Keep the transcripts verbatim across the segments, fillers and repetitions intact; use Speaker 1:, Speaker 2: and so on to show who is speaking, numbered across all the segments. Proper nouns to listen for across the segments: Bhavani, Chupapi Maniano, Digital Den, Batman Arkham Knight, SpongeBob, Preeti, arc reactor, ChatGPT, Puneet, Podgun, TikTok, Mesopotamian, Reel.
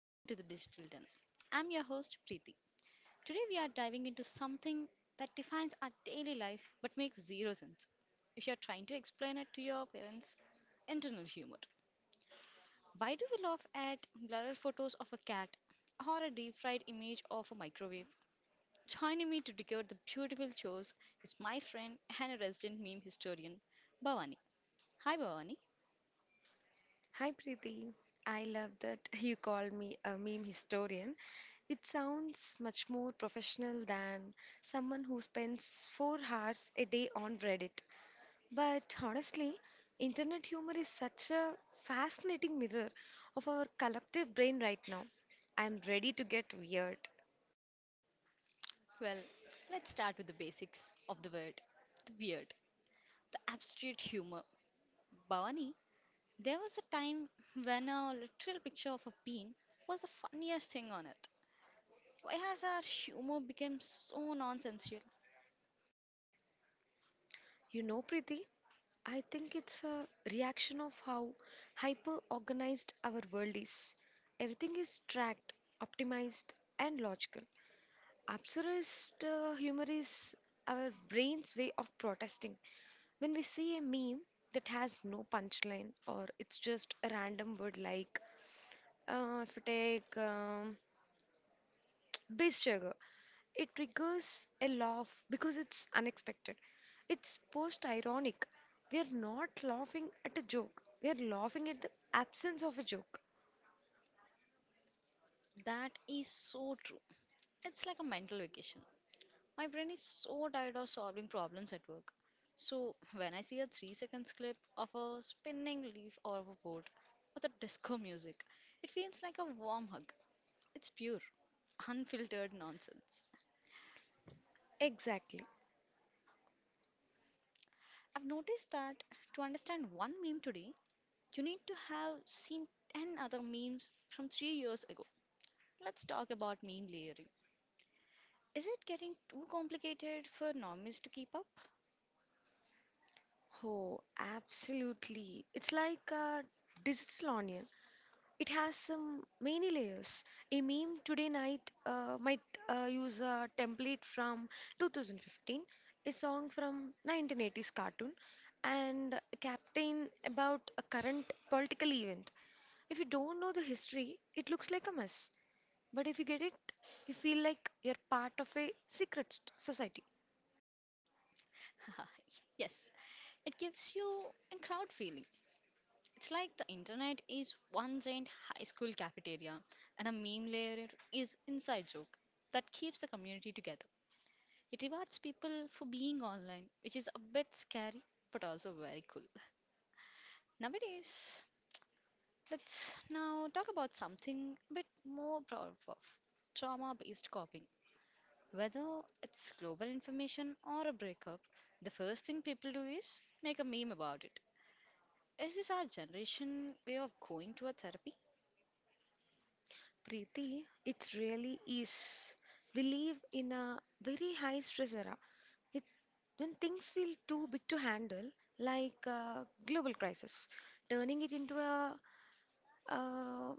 Speaker 1: welcome to the Digital Den. I'm your host Preeti. Today we are diving into something that defines our daily life but makes zero sense. If you're trying to explain it to your parents, internal humor. Why do we laugh at blurred photos of a cat or a deep fried image of a microwave? Joining me to decode the beautiful chores is my friend and a resident meme historian, Bhavani. Hi Bhavani.
Speaker 2: Hi Preeti, I love that you call me a meme historian. It sounds much more professional than someone who spends four hours a day on Reddit. But honestly, internet humor is such a fascinating mirror of our collective brain right now. I'm ready to get weird.
Speaker 1: Well, let's start with the basics of the word, the weird, the abstract humor. Bhavani, there was a time when a literal picture of a bean was the funniest thing on earth. Why has our humor become so nonsensical?
Speaker 2: You know, Preeti, I think it's a reaction of how hyper organized our world is. Everything is tracked, optimized, and logical. Absurdist uh, humor is our brain's way of protesting. When we see a meme that has no punchline or it's just a random word like, uh, if you take um, base sugar, it triggers a laugh because it's unexpected. It's post ironic. We are not laughing at a joke, we are laughing at the absence of a joke.
Speaker 1: That is so true. It's like a mental vacation. My brain is so tired of solving problems at work. So when I see a three seconds clip of a spinning leaf or of a boat with a disco music, it feels like a warm hug. It's pure, unfiltered nonsense.
Speaker 2: Exactly.
Speaker 1: I've noticed that to understand one meme today, you need to have seen ten other memes from three years ago. Let's talk about meme layering. Is it getting too complicated for normies to keep up?
Speaker 2: Oh, absolutely. It's like a digital onion. It has some many layers. A meme today night uh, might uh, use a template from two thousand fifteen, a song from nineteen eighties cartoon, and a captain about a current political event. If you don't know the history, it looks like a mess. But if you get it, you feel like you're part of a secret st- society.
Speaker 1: Yes, it gives you a crowd feeling. It's like the internet is one giant high school cafeteria, and a meme layer is inside joke that keeps the community together. It rewards people for being online, which is a bit scary but also very cool. Nowadays, let's now talk about something a bit more proud of, trauma based coping. Whether it's global information or a breakup, the first thing people do is make a meme about it. Is this our generation way of going to a therapy?
Speaker 2: Preeti, it really is. We live in a very high stress era with, when things feel too big to handle, like a global crisis. Turning it into a, uh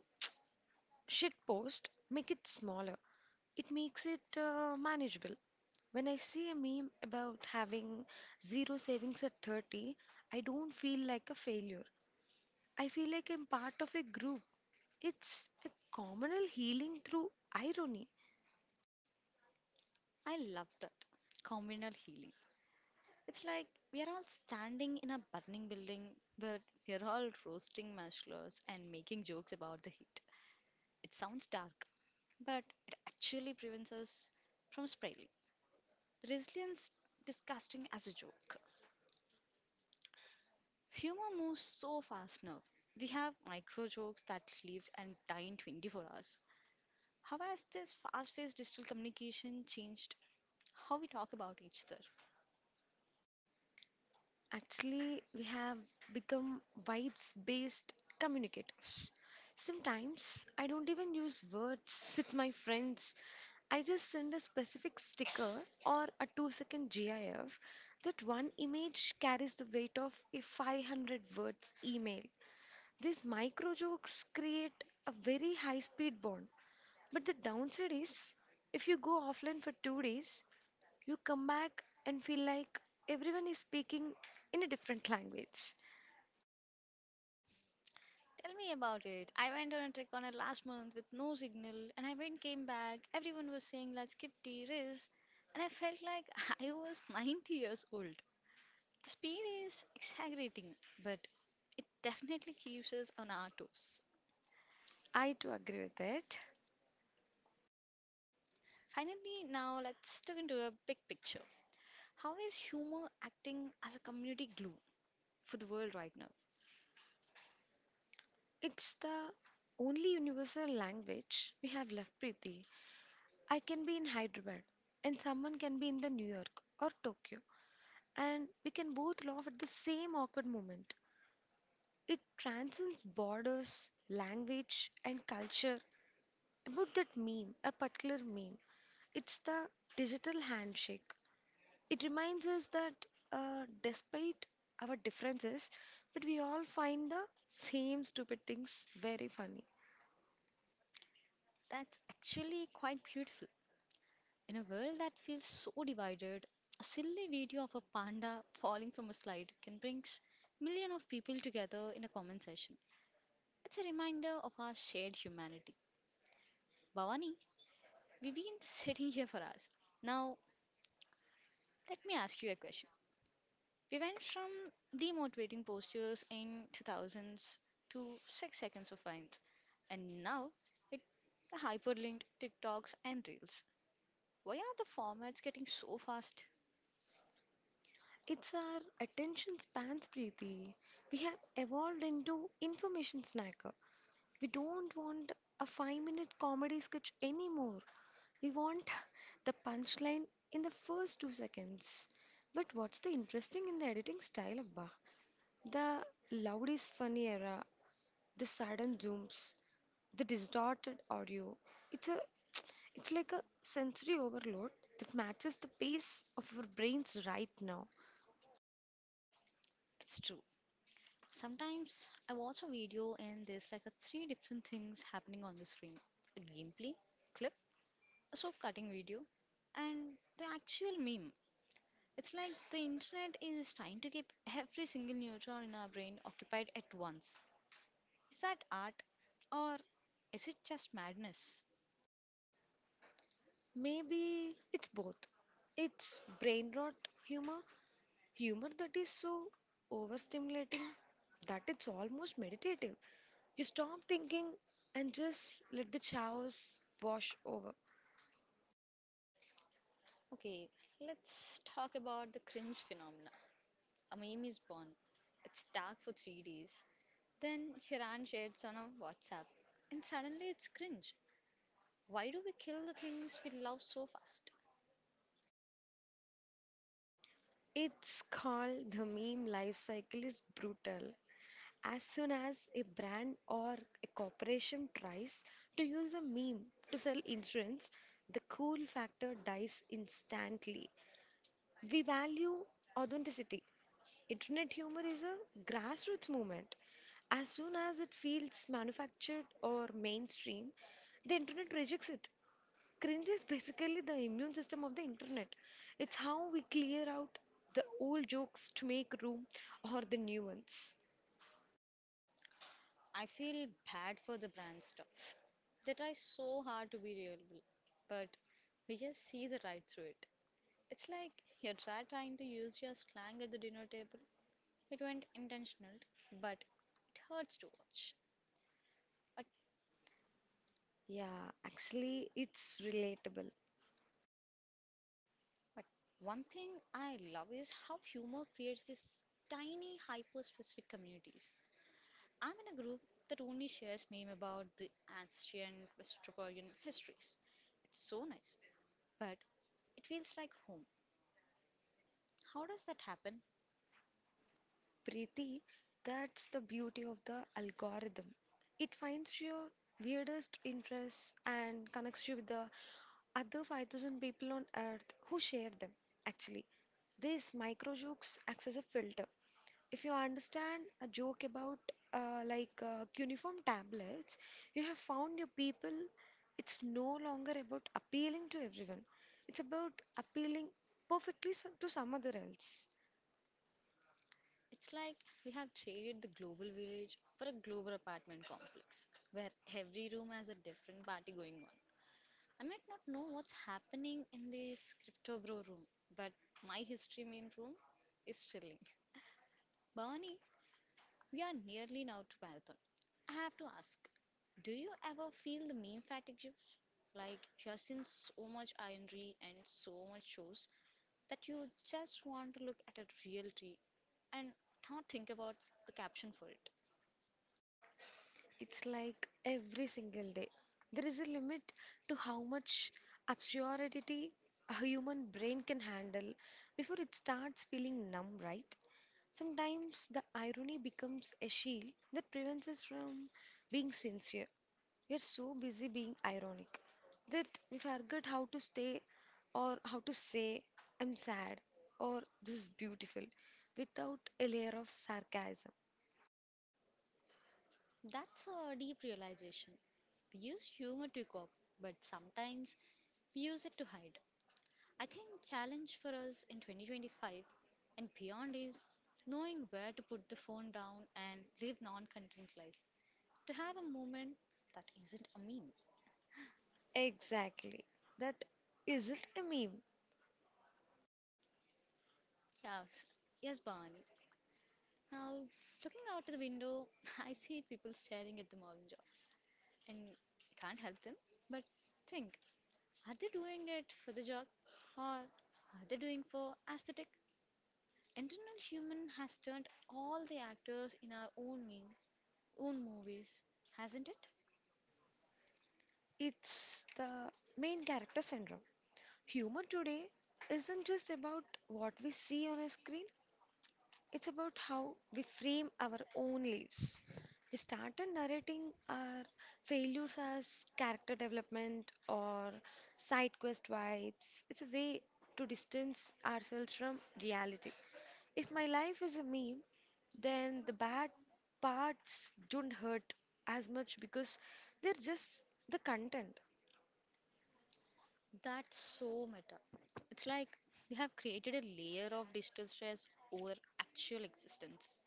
Speaker 2: shit post, make it smaller. It makes it uh, manageable. When I see a meme about having zero savings at thirty, I don't feel like a failure. I feel like I'm part of a group. It's a communal healing through irony.
Speaker 1: I love that. Communal healing. It's like we are all standing in a burning building, but we are all roasting marshmallows and making jokes about the heat. It sounds dark, but it actually prevents us from spiraling. Resilience disgusting as a joke. Humor moves so fast now. We have micro jokes that live and die in twenty-four hours. How has this fast paced digital communication changed how we talk about each other?
Speaker 2: Actually, we have become vibes-based communicators. Sometimes I don't even use words with my friends. I just send a specific sticker or a two-second GIF. That one image carries the weight of a five hundred words email. These micro jokes create a very high-speed bond. But the downside is, if you go offline for two days, you come back and feel like everyone is speaking in a different language.
Speaker 1: Tell me about it. I went on a trip on it last month with no signal and I went came back. Everyone was saying let's skip tea risk and I felt like I was ninety years old. The speed is exaggerating, but it definitely keeps us on our toes.
Speaker 2: I too agree with it.
Speaker 1: Finally, now let's look into a big picture. How is humor acting as a community glue for the world right now?
Speaker 2: It's the only universal language we have left, Preeti. I can be in Hyderabad and someone can be in the New York or Tokyo and we can both laugh at the same awkward moment. It transcends borders, language and culture. About that meme, a particular meme. It's the digital handshake. It reminds us that uh, despite our differences, but we all find the same stupid things very funny.
Speaker 1: That's actually quite beautiful. In a world that feels so divided, a silly video of a panda falling from a slide can bring millions of people together in a comment session. It's a reminder of our shared humanity. Bhavani, we've been sitting here for hours. Now, let me ask you a question. We went from demotivating posters in two thousands to six seconds of finds, and now it the hyperlinked TikToks and Reels. Why are the formats getting so fast?
Speaker 2: It's our attention spans, Preeti. We have evolved into information snacker. We don't want a five minute comedy sketch anymore. We want the punchline in the first two seconds. But what's the interesting in the editing style, Abba? The loud is funny era, the sudden zooms, the distorted audio, it's a it's like a sensory overload that matches the pace of our brains right now.
Speaker 1: It's true. Sometimes I watch a video and there's like a three different things happening on the screen. A gameplay, clip, a soap cutting video, and the actual meme. It's like the internet is trying to keep every single neutron in our brain occupied at once. Is that art or is it just madness?
Speaker 2: Maybe it's both. It's brain rot humor, humor that is so overstimulating that it's almost meditative. You stop thinking and just let the chaos wash over.
Speaker 1: Okay, let's talk about the cringe phenomena. A meme is born. It's dark for three days. Then Hiran shares on a WhatsApp. And suddenly it's cringe. Why do we kill the things we love so fast?
Speaker 2: It's called the meme life cycle is brutal. As soon as a brand or a corporation tries to use a meme to sell insurance, the cool factor dies instantly. We value authenticity. Internet humor is a grassroots movement. As soon as it feels manufactured or mainstream, the internet rejects it. Cringe is basically the immune system of the internet. It's how we clear out the old jokes to make room or the new ones.
Speaker 1: I feel bad for the brand stuff. They try so hard to be reliable, but we just see the right through it. It's like you're try- trying to use your slang at the dinner table. It went intentional, but it hurts to watch. Uh,
Speaker 2: Yeah, actually, it's relatable.
Speaker 1: But one thing I love is how humor creates these tiny, hyper specific communities. I'm in a group that only shares meme about the ancient Mesopotamian histories. It's so nice, but it feels like home. How does that happen?
Speaker 2: Preeti, that's the beauty of the algorithm. It finds your weirdest interests and connects you with the other five thousand people on earth who share them. Actually, this micro jokes acts as a filter. If you understand a joke about uh, like uh, cuneiform tablets, you have found your people. It's no longer about appealing to everyone. It's about appealing perfectly so- to some other else.
Speaker 1: It's like we have traded the global village for a global apartment complex where every room has a different party going on. I might not know what's happening in this crypto bro room, but my history main room is chilling. Bhavani, we are nearly now to marathon. I have to ask, do you ever feel the meme fatigue? Like you have seen so much ironry and so much shows that you just want to look at a real tree and not think about the caption for it.
Speaker 2: It's like every single day. There is a limit to how much absurdity a human brain can handle before it starts feeling numb, right? Sometimes the irony becomes a shield that prevents us from being sincere. We are so busy being ironic that we forget how to stay or how to say, I'm sad or this is beautiful without a layer of sarcasm.
Speaker 1: That's a deep realization. We use humor to cope, but sometimes we use it to hide. I think challenge for us in twenty twenty-five and beyond is knowing where to put the phone down and live non-content life. To have a moment that isn't a meme.
Speaker 2: Exactly. That isn't a meme.
Speaker 1: Yes, yes, Barney. Now, looking out the window, I see people staring at the morning jobs, and I can't help them. But think, are they doing it for the job, or are they doing for aesthetic? Internal human has turned all the actors in our own mean, own movies, hasn't it?
Speaker 2: It's the main character syndrome. Humor today isn't just about what we see on a screen, it's about how we frame our own lives. We started narrating our failures as character development or side quest vibes. It's a way to distance ourselves from reality. If my life is a meme, then the bad parts don't hurt as much because they're just the content.
Speaker 1: That's so meta. It's like we have created a layer of digital stress over actual existence.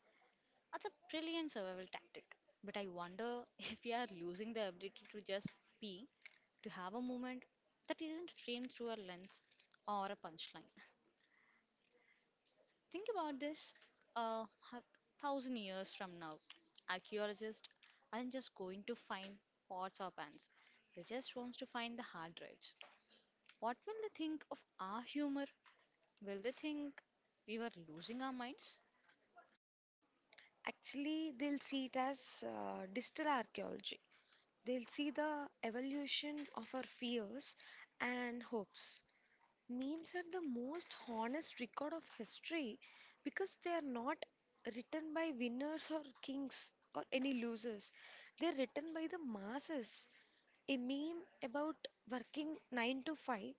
Speaker 1: That's a brilliant survival tactic. But I wonder if we are losing the ability to just be, to have a moment that isn't framed through a lens or a punchline. Think about this uh, a thousand years from now. Archaeologists aren't just going to find pots or pans, they just want to find the hard drives. What will they think of our humor? Will they think we were losing our minds?
Speaker 2: Actually, they'll see it as uh, digital archaeology. They'll see the evolution of our fears and hopes. Memes are the most honest record of history because they are not written by winners or kings or any losers. They're written by the masses. A meme about working nine to five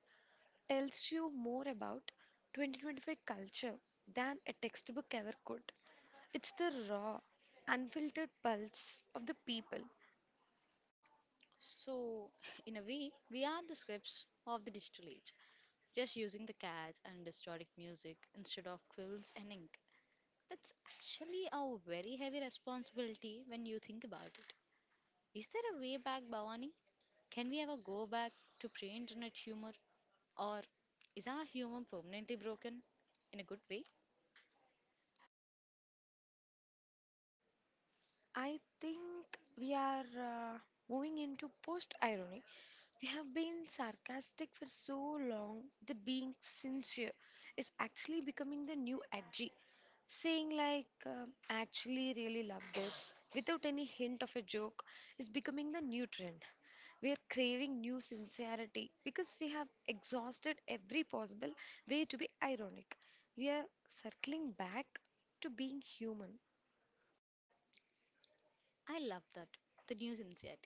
Speaker 2: tells you more about twenty twenty-five culture than a textbook ever could. It's the raw, unfiltered pulse of the people.
Speaker 1: So, in a way, we are the scripts of the digital age, just using the cats and historic music instead of quills and ink. That's actually a very heavy responsibility when you think about it. Is there a way back, Bhavani? Can we ever go back to pre internet humor? Or is our humor permanently broken? In a good way?
Speaker 2: I think we are uh, moving into post irony. We have been sarcastic for so long that being sincere is actually becoming the new edgy. Saying, like, um, "I actually really love this" without any hint of a joke is becoming the new trend. We are craving new sincerity because we have exhausted every possible way to be ironic. We are circling back to being human.
Speaker 1: I love that. The new insight.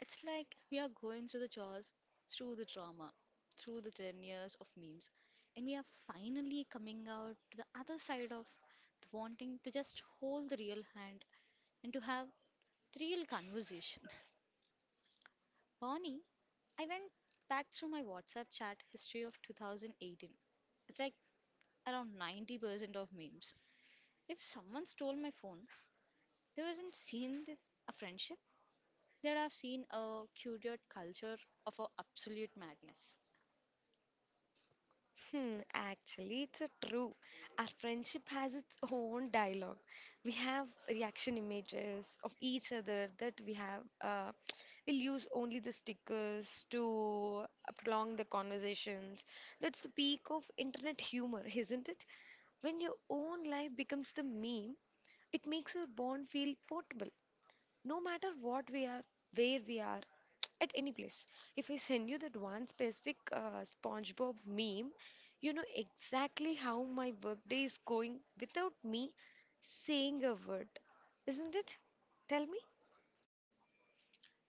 Speaker 1: It's like we are going through the chores, through the drama, through the ten years of memes, and we are finally coming out to the other side of wanting to just hold the real hand and to have the real conversation. Bonnie, I went back through my WhatsApp chat history of two thousand eighteen. It's like around ninety percent of memes. If someone stole my phone, they wasn't seeing this, a friendship, they'd have seen a curated culture of a absolute madness.
Speaker 2: Hmm, Actually, it's a true. Our friendship has its own dialogue. We have reaction images of each other that we have. Uh, we'll use only the stickers to prolong the conversations. That's the peak of internet humor, isn't it? When your own life becomes the meme, it makes your bond feel portable no matter what we are, where we are, at any place. If I send you that one specific uh, SpongeBob meme, you know exactly how my workday is going without me saying a word. Isn't it? Tell me,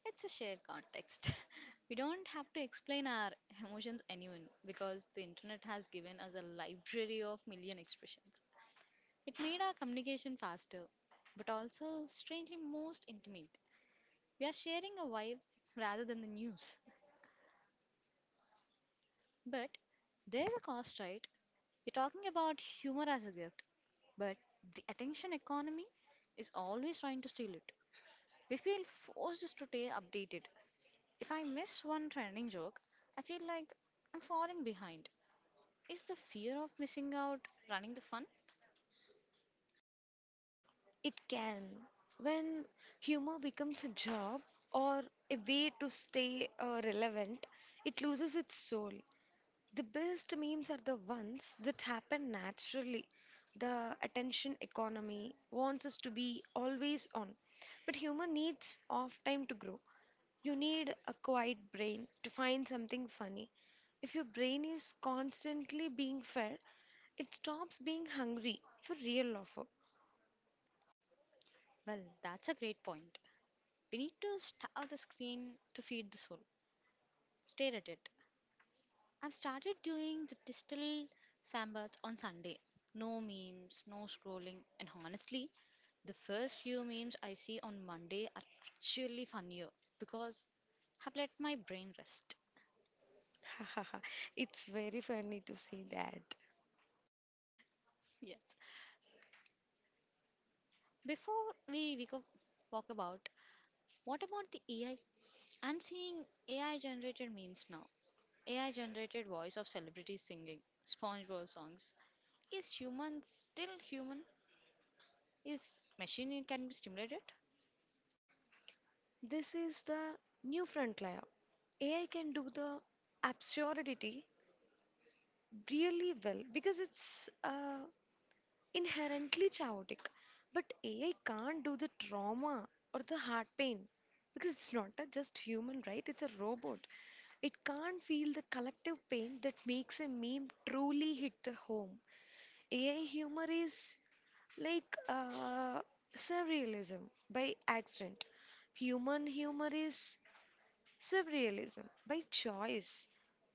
Speaker 1: It's a shared context. We don't have to explain our emotions anyone because the internet has given us a library of million expressions. It made our communication faster, but also strangely most intimate. We are sharing a vibe rather than the news. But there's a cost, right? We're talking about humor as a gift, but the attention economy is always trying to steal it. We feel forced to stay updated. If I miss one trending joke, I feel like I'm falling behind. Is the fear of missing out running the fun?
Speaker 2: it can. When humor becomes a job or a way to stay uh, relevant, it loses its soul. The best memes are the ones that happen naturally. The attention economy wants us to be always on, but human needs off time to grow. You need a quiet brain to find something funny. If your brain is constantly being fed, it stops being hungry for real.
Speaker 1: Well, that's a great point. We need to starve the screen to feed the soul. Stare at it. I've started doing the digital sandbaths on Sunday. No memes, no scrolling, and honestly, the first few memes I see on Monday are actually funnier because I've let my brain rest.
Speaker 2: Offer. It's very funny to see that.
Speaker 1: Yes. Before we, we go, walk about, what about the A I? I'm seeing A I generated memes now. A I generated voice of celebrities singing SpongeBob songs. Is human still human? Is machine it can be stimulated?
Speaker 2: This is the new frontier. A I can do the absurdity really well because it's uh, inherently chaotic. But A I can't do the trauma or the heart pain because it's not a just human, right? It's a robot. It can't feel the collective pain that makes a meme truly hit the home. A I humor is like uh, surrealism by accident. Human humor is surrealism by choice.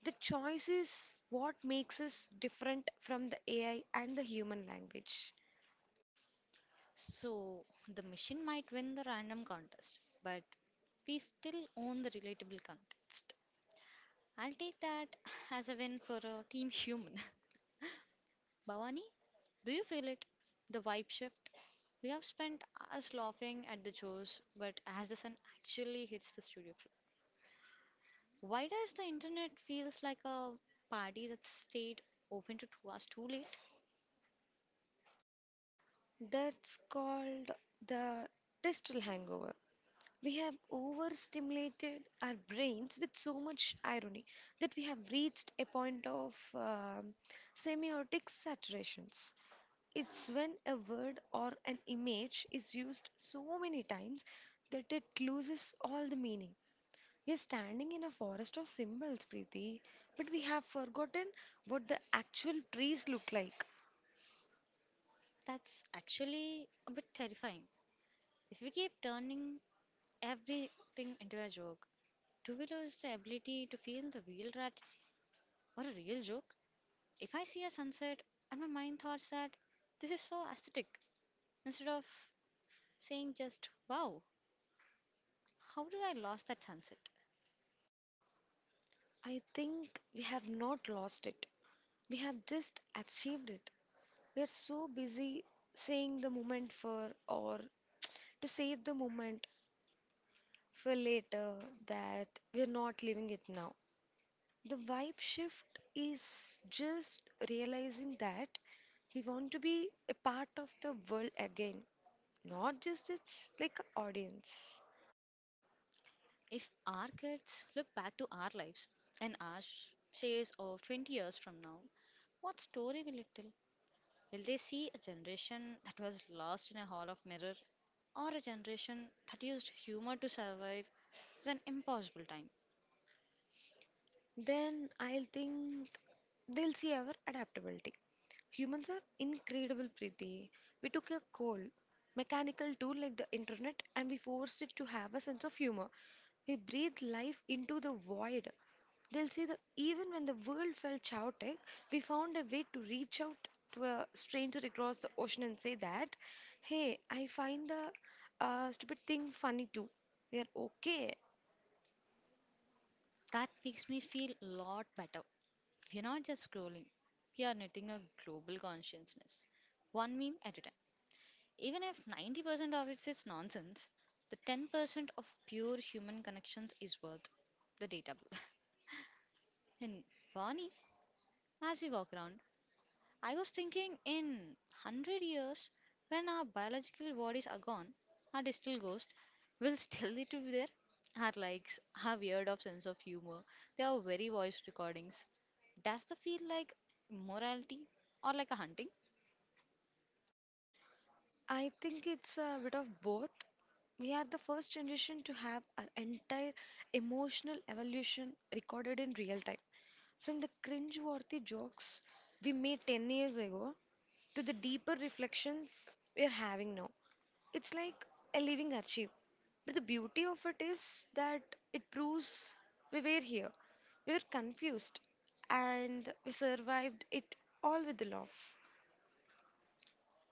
Speaker 2: The choice is what makes us different from the A I and the human language.
Speaker 1: So the machine might win the random contest, but we still own the relatable context. I'll take that as a win for a team human. Bhavani, do you feel it? The vibe shift? We have spent us laughing at the jokes, but as the sun actually hits the studio, why does the internet feels like a party that stayed open to two hours too late?
Speaker 2: That's called the digital hangover. We have overstimulated our brains with so much irony that we have reached a point of um semiotic saturations. It's when a word or an image is used so many times that it loses all the meaning. We are standing in a forest of symbols, Preeti, but we have forgotten what the actual trees look like.
Speaker 1: That's actually a bit terrifying. If we keep turning everything into a joke, do we lose the ability to feel the real tragedy or a real joke? If I see a sunset and my mind thoughts that this is so aesthetic, instead of saying just wow, how did I lose that sunset?
Speaker 2: I think we have not lost it. We have just achieved it. We are so busy saying the moment for or to save the moment for later that we're not living it now. The vibe shift is just realizing that we want to be a part of the world again, not just its like audience.
Speaker 1: If our kids look back to our lives and our sh- shares of twenty years from now, what story will it tell? Will they see a generation that was lost in a hall of mirror or a generation that used humor to survive an impossible time?
Speaker 2: Then I'll think they'll see our adaptability. Humans are incredible, Preeti. We took a cold, mechanical tool like the internet and we forced it to have a sense of humor. We breathed life into the void. They'll see that even when the world felt chaotic, we found a way to reach out to a stranger across the ocean and say that, hey, I find the uh, stupid thing funny too. They are okay.
Speaker 1: That makes me feel a lot better. We're not just scrolling, we are knitting a global consciousness, one meme at a time. Even if ninety percent of it is nonsense, the ten percent of pure human connections is worth the data bill. And Vani, as we walk around, I was thinking, in one hundred years, when our biological bodies are gone, our digital ghost will still need to be there. Our likes, our weird of sense of humor, they are very voice recordings. Does the feel like morality or like a hunting?
Speaker 2: I think it's a bit of both. We are the first generation to have our entire emotional evolution recorded in real time. From the cringe-worthy jokes we made ten years ago to the deeper reflections we're having now. It's like a living archive. But the beauty of it is that it proves we were here. We were confused and we survived it all with a laugh.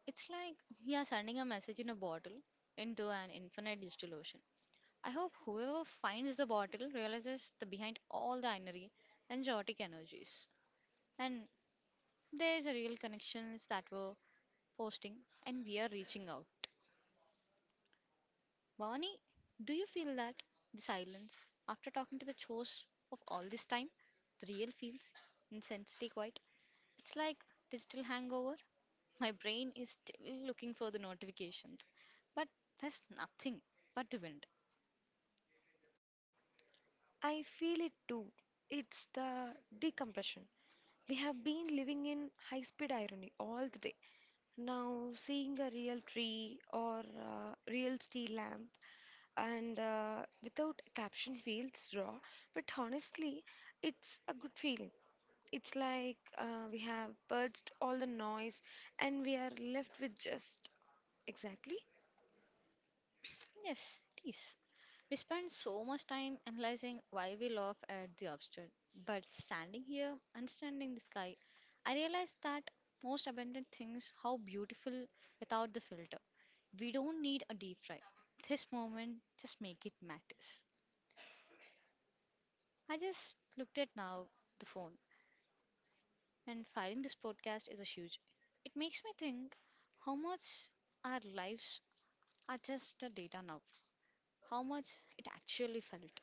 Speaker 1: It's like we are sending a message in a bottle into an infinite digital ocean. I hope whoever finds the bottle realizes the behind all the inery and chaotic energies. And there is a real connection is that we're posting and we are reaching out. Barney, do you feel that the silence after talking to the chores of all this time, the real feels intensity quiet. It's like digital hangover. My brain is still looking for the notifications, but there's nothing but the wind.
Speaker 2: I feel it too. It's the decompression. We have been living in high speed irony all the day. Now, seeing a real tree or a real steel lamp and uh, without a caption feels raw, but honestly, it's a good feeling. It's like uh, we have purged all the noise and we are left with just exactly.
Speaker 1: Yes, please. We spend so much time analyzing why we laugh at the absurd, but standing here, understanding the sky, I realize that most abundant things how beautiful without the filter. We don't need a deep fry. This moment, just make it matters. I just looked at now the phone, and filing this podcast is a huge. It makes me think how much our lives are just a data now, how much it actually felt.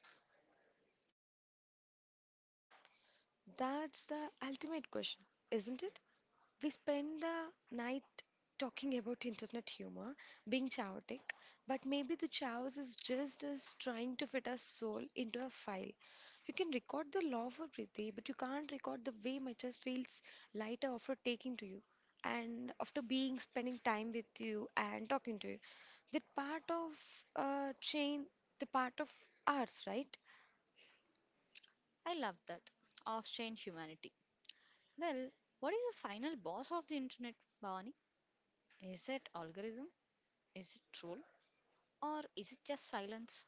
Speaker 2: That's the ultimate question, isn't it? We spend the night talking about internet humor being chaotic, but maybe the chaos is just us trying to fit our soul into a file. You can record the love of Priti, but you can't record the way my chest feels lighter after taking to you and after being spending time with you and talking to you. That part of uh, chain, the part of ours, right?
Speaker 1: I love that. Of strange humanity. Well, what is the final boss of the internet, Bhavani? Is it algorithm? Is it troll? Or is it just silence?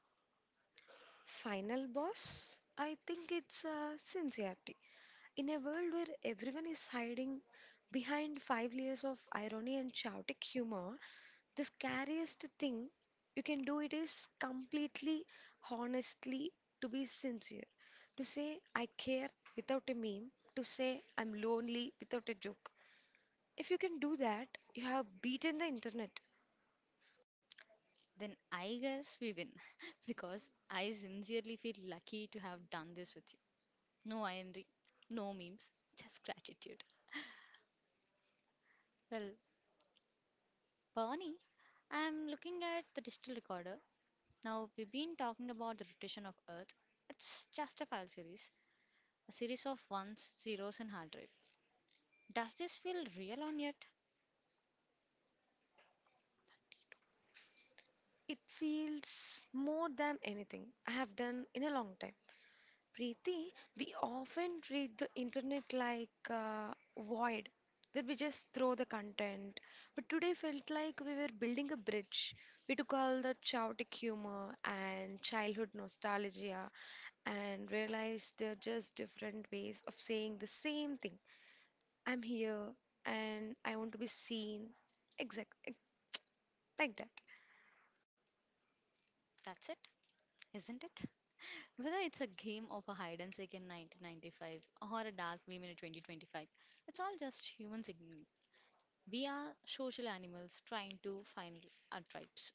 Speaker 2: Final boss, I think it's uh, sincerity. In a world where everyone is hiding behind five layers of irony and chaotic humor, the scariest thing you can do it is completely honestly to be sincere. To say I care without a meme, to say I'm lonely without a joke. If you can do that, you have beaten the internet.
Speaker 1: Then I guess we win. Because I sincerely feel lucky to have done this with you. No irony, no memes, just gratitude. Well, Bhavani, I'm looking at the digital recorder. Now, we've been talking about the rotation of Earth. It's just a file series, a series of ones, zeros, and hard drive. Does this feel real on yet?
Speaker 2: It feels more than anything I have done in a long time. Preeti, we often treat the internet like a void where we just throw the content. But today felt like we were building a bridge. We took all the chaotic humor and childhood nostalgia and realized they're just different ways of saying the same thing. I'm here and I want to be seen. Exact like that.
Speaker 1: That's it, isn't it? Whether it's a game of a hide and seek in nineteen ninety-five or a dark meme in twenty twenty-five, it's all just human signaling. We are social animals trying to find our tribes.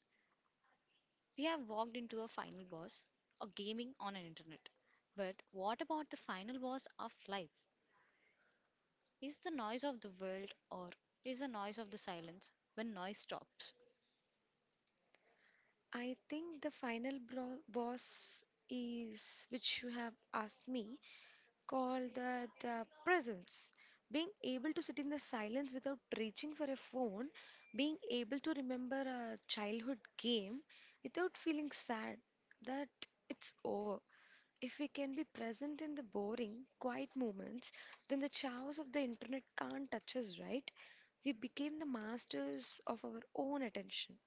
Speaker 1: We have walked into a final boss or gaming on an internet. But what about the final boss of life? Is the noise of the world or is the noise of the silence when noise stops?
Speaker 2: I think the final bro- boss is which you have asked me. Call that uh, presence. Being able to sit in the silence without reaching for a phone, being able to remember a childhood game without feeling sad that it's over. If we can be present in the boring, quiet moments, then the chaos of the internet can't touch us, right? We became the masters of our own attention.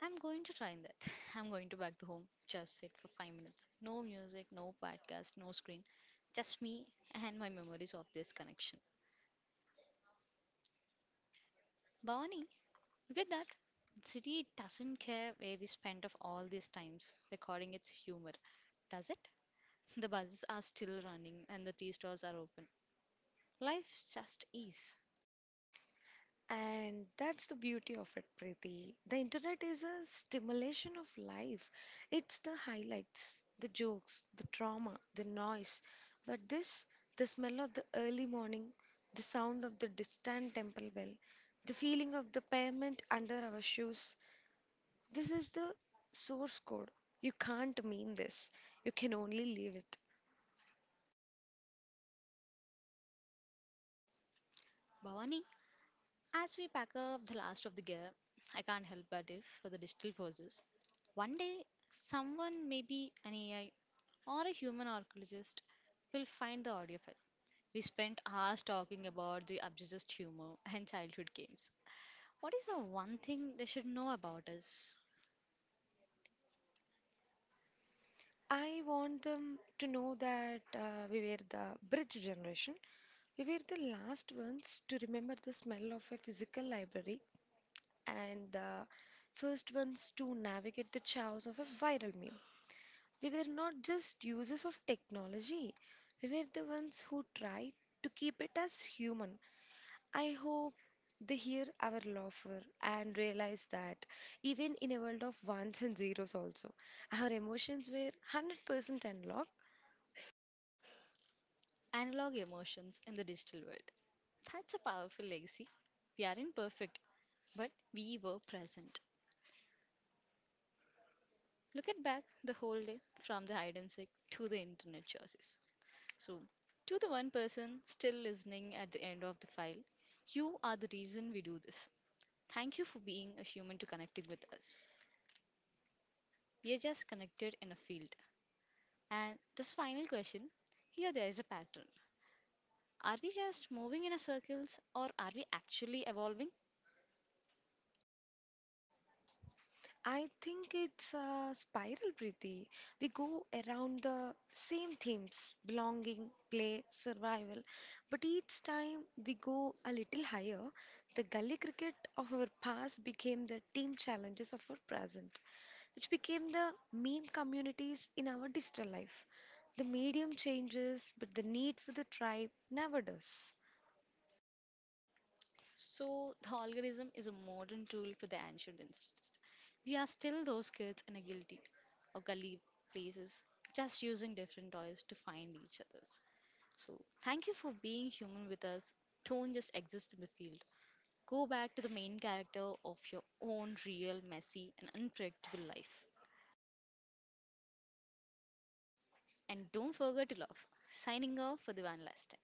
Speaker 1: I'm going to try that. I'm going to back to home, just sit for five minutes. No music, no podcast, no screen. Just me and my memories of this connection. Bhavani, you get that? The city doesn't care where we spent of all these times recording its humor, does it? The buses are still running and the tea stores are open. Life just is.
Speaker 2: And that's the beauty of it, Preeti. The internet is a stimulation of life. It's the highlights, the jokes, the drama, the noise. But this, the smell of the early morning, the sound of the distant temple bell, the feeling of the pavement under our shoes, this is the source code. You can't meme this. You can only leave it.
Speaker 1: Bhavani, as we pack up the last of the gear, I can't help but if for the digital forces. One day, someone, maybe an A I or a human archaeologist will find the audio file. We spent hours talking about the absurdist humor and childhood games. What is the one thing they should know about us?
Speaker 2: I want them to know that uh, we were the bridge generation. We were the last ones to remember the smell of a physical library and the first ones to navigate the chaos of a viral meme. We were not just users of technology, we were the ones who tried to keep it as human. I hope they hear our laughter and realize that even in a world of ones and zeros, also, our emotions were one hundred percent unlocked.
Speaker 1: Analog emotions in the digital world. That's a powerful legacy. We aren't perfect, but we were present. Look at back the whole day from the hide and seek to the internet choices. So, to the one person still listening at the end of the file, you are the reason we do this. Thank you for being a human to connecting with us. We are just connected in a field. And this final question here there is a pattern. Are we just moving in a circles or are we actually evolving?
Speaker 2: I think it's a spiral, Preeti. We go around the same themes belonging, play, survival. But each time we go a little higher, the gully cricket of our past became the team challenges of our present, which became the meme communities in our digital life. The medium changes, but the need for the tribe never does.
Speaker 1: So, the algorithm is a modern tool for the ancient instincts. We are still those kids in a guilty or gully places, just using different toys to find each others. So, thank you for being human with us. Don't just exist in the field. Go back to the main character of your own real, messy, and unpredictable life. And don't forget to love. Signing off for the one last time.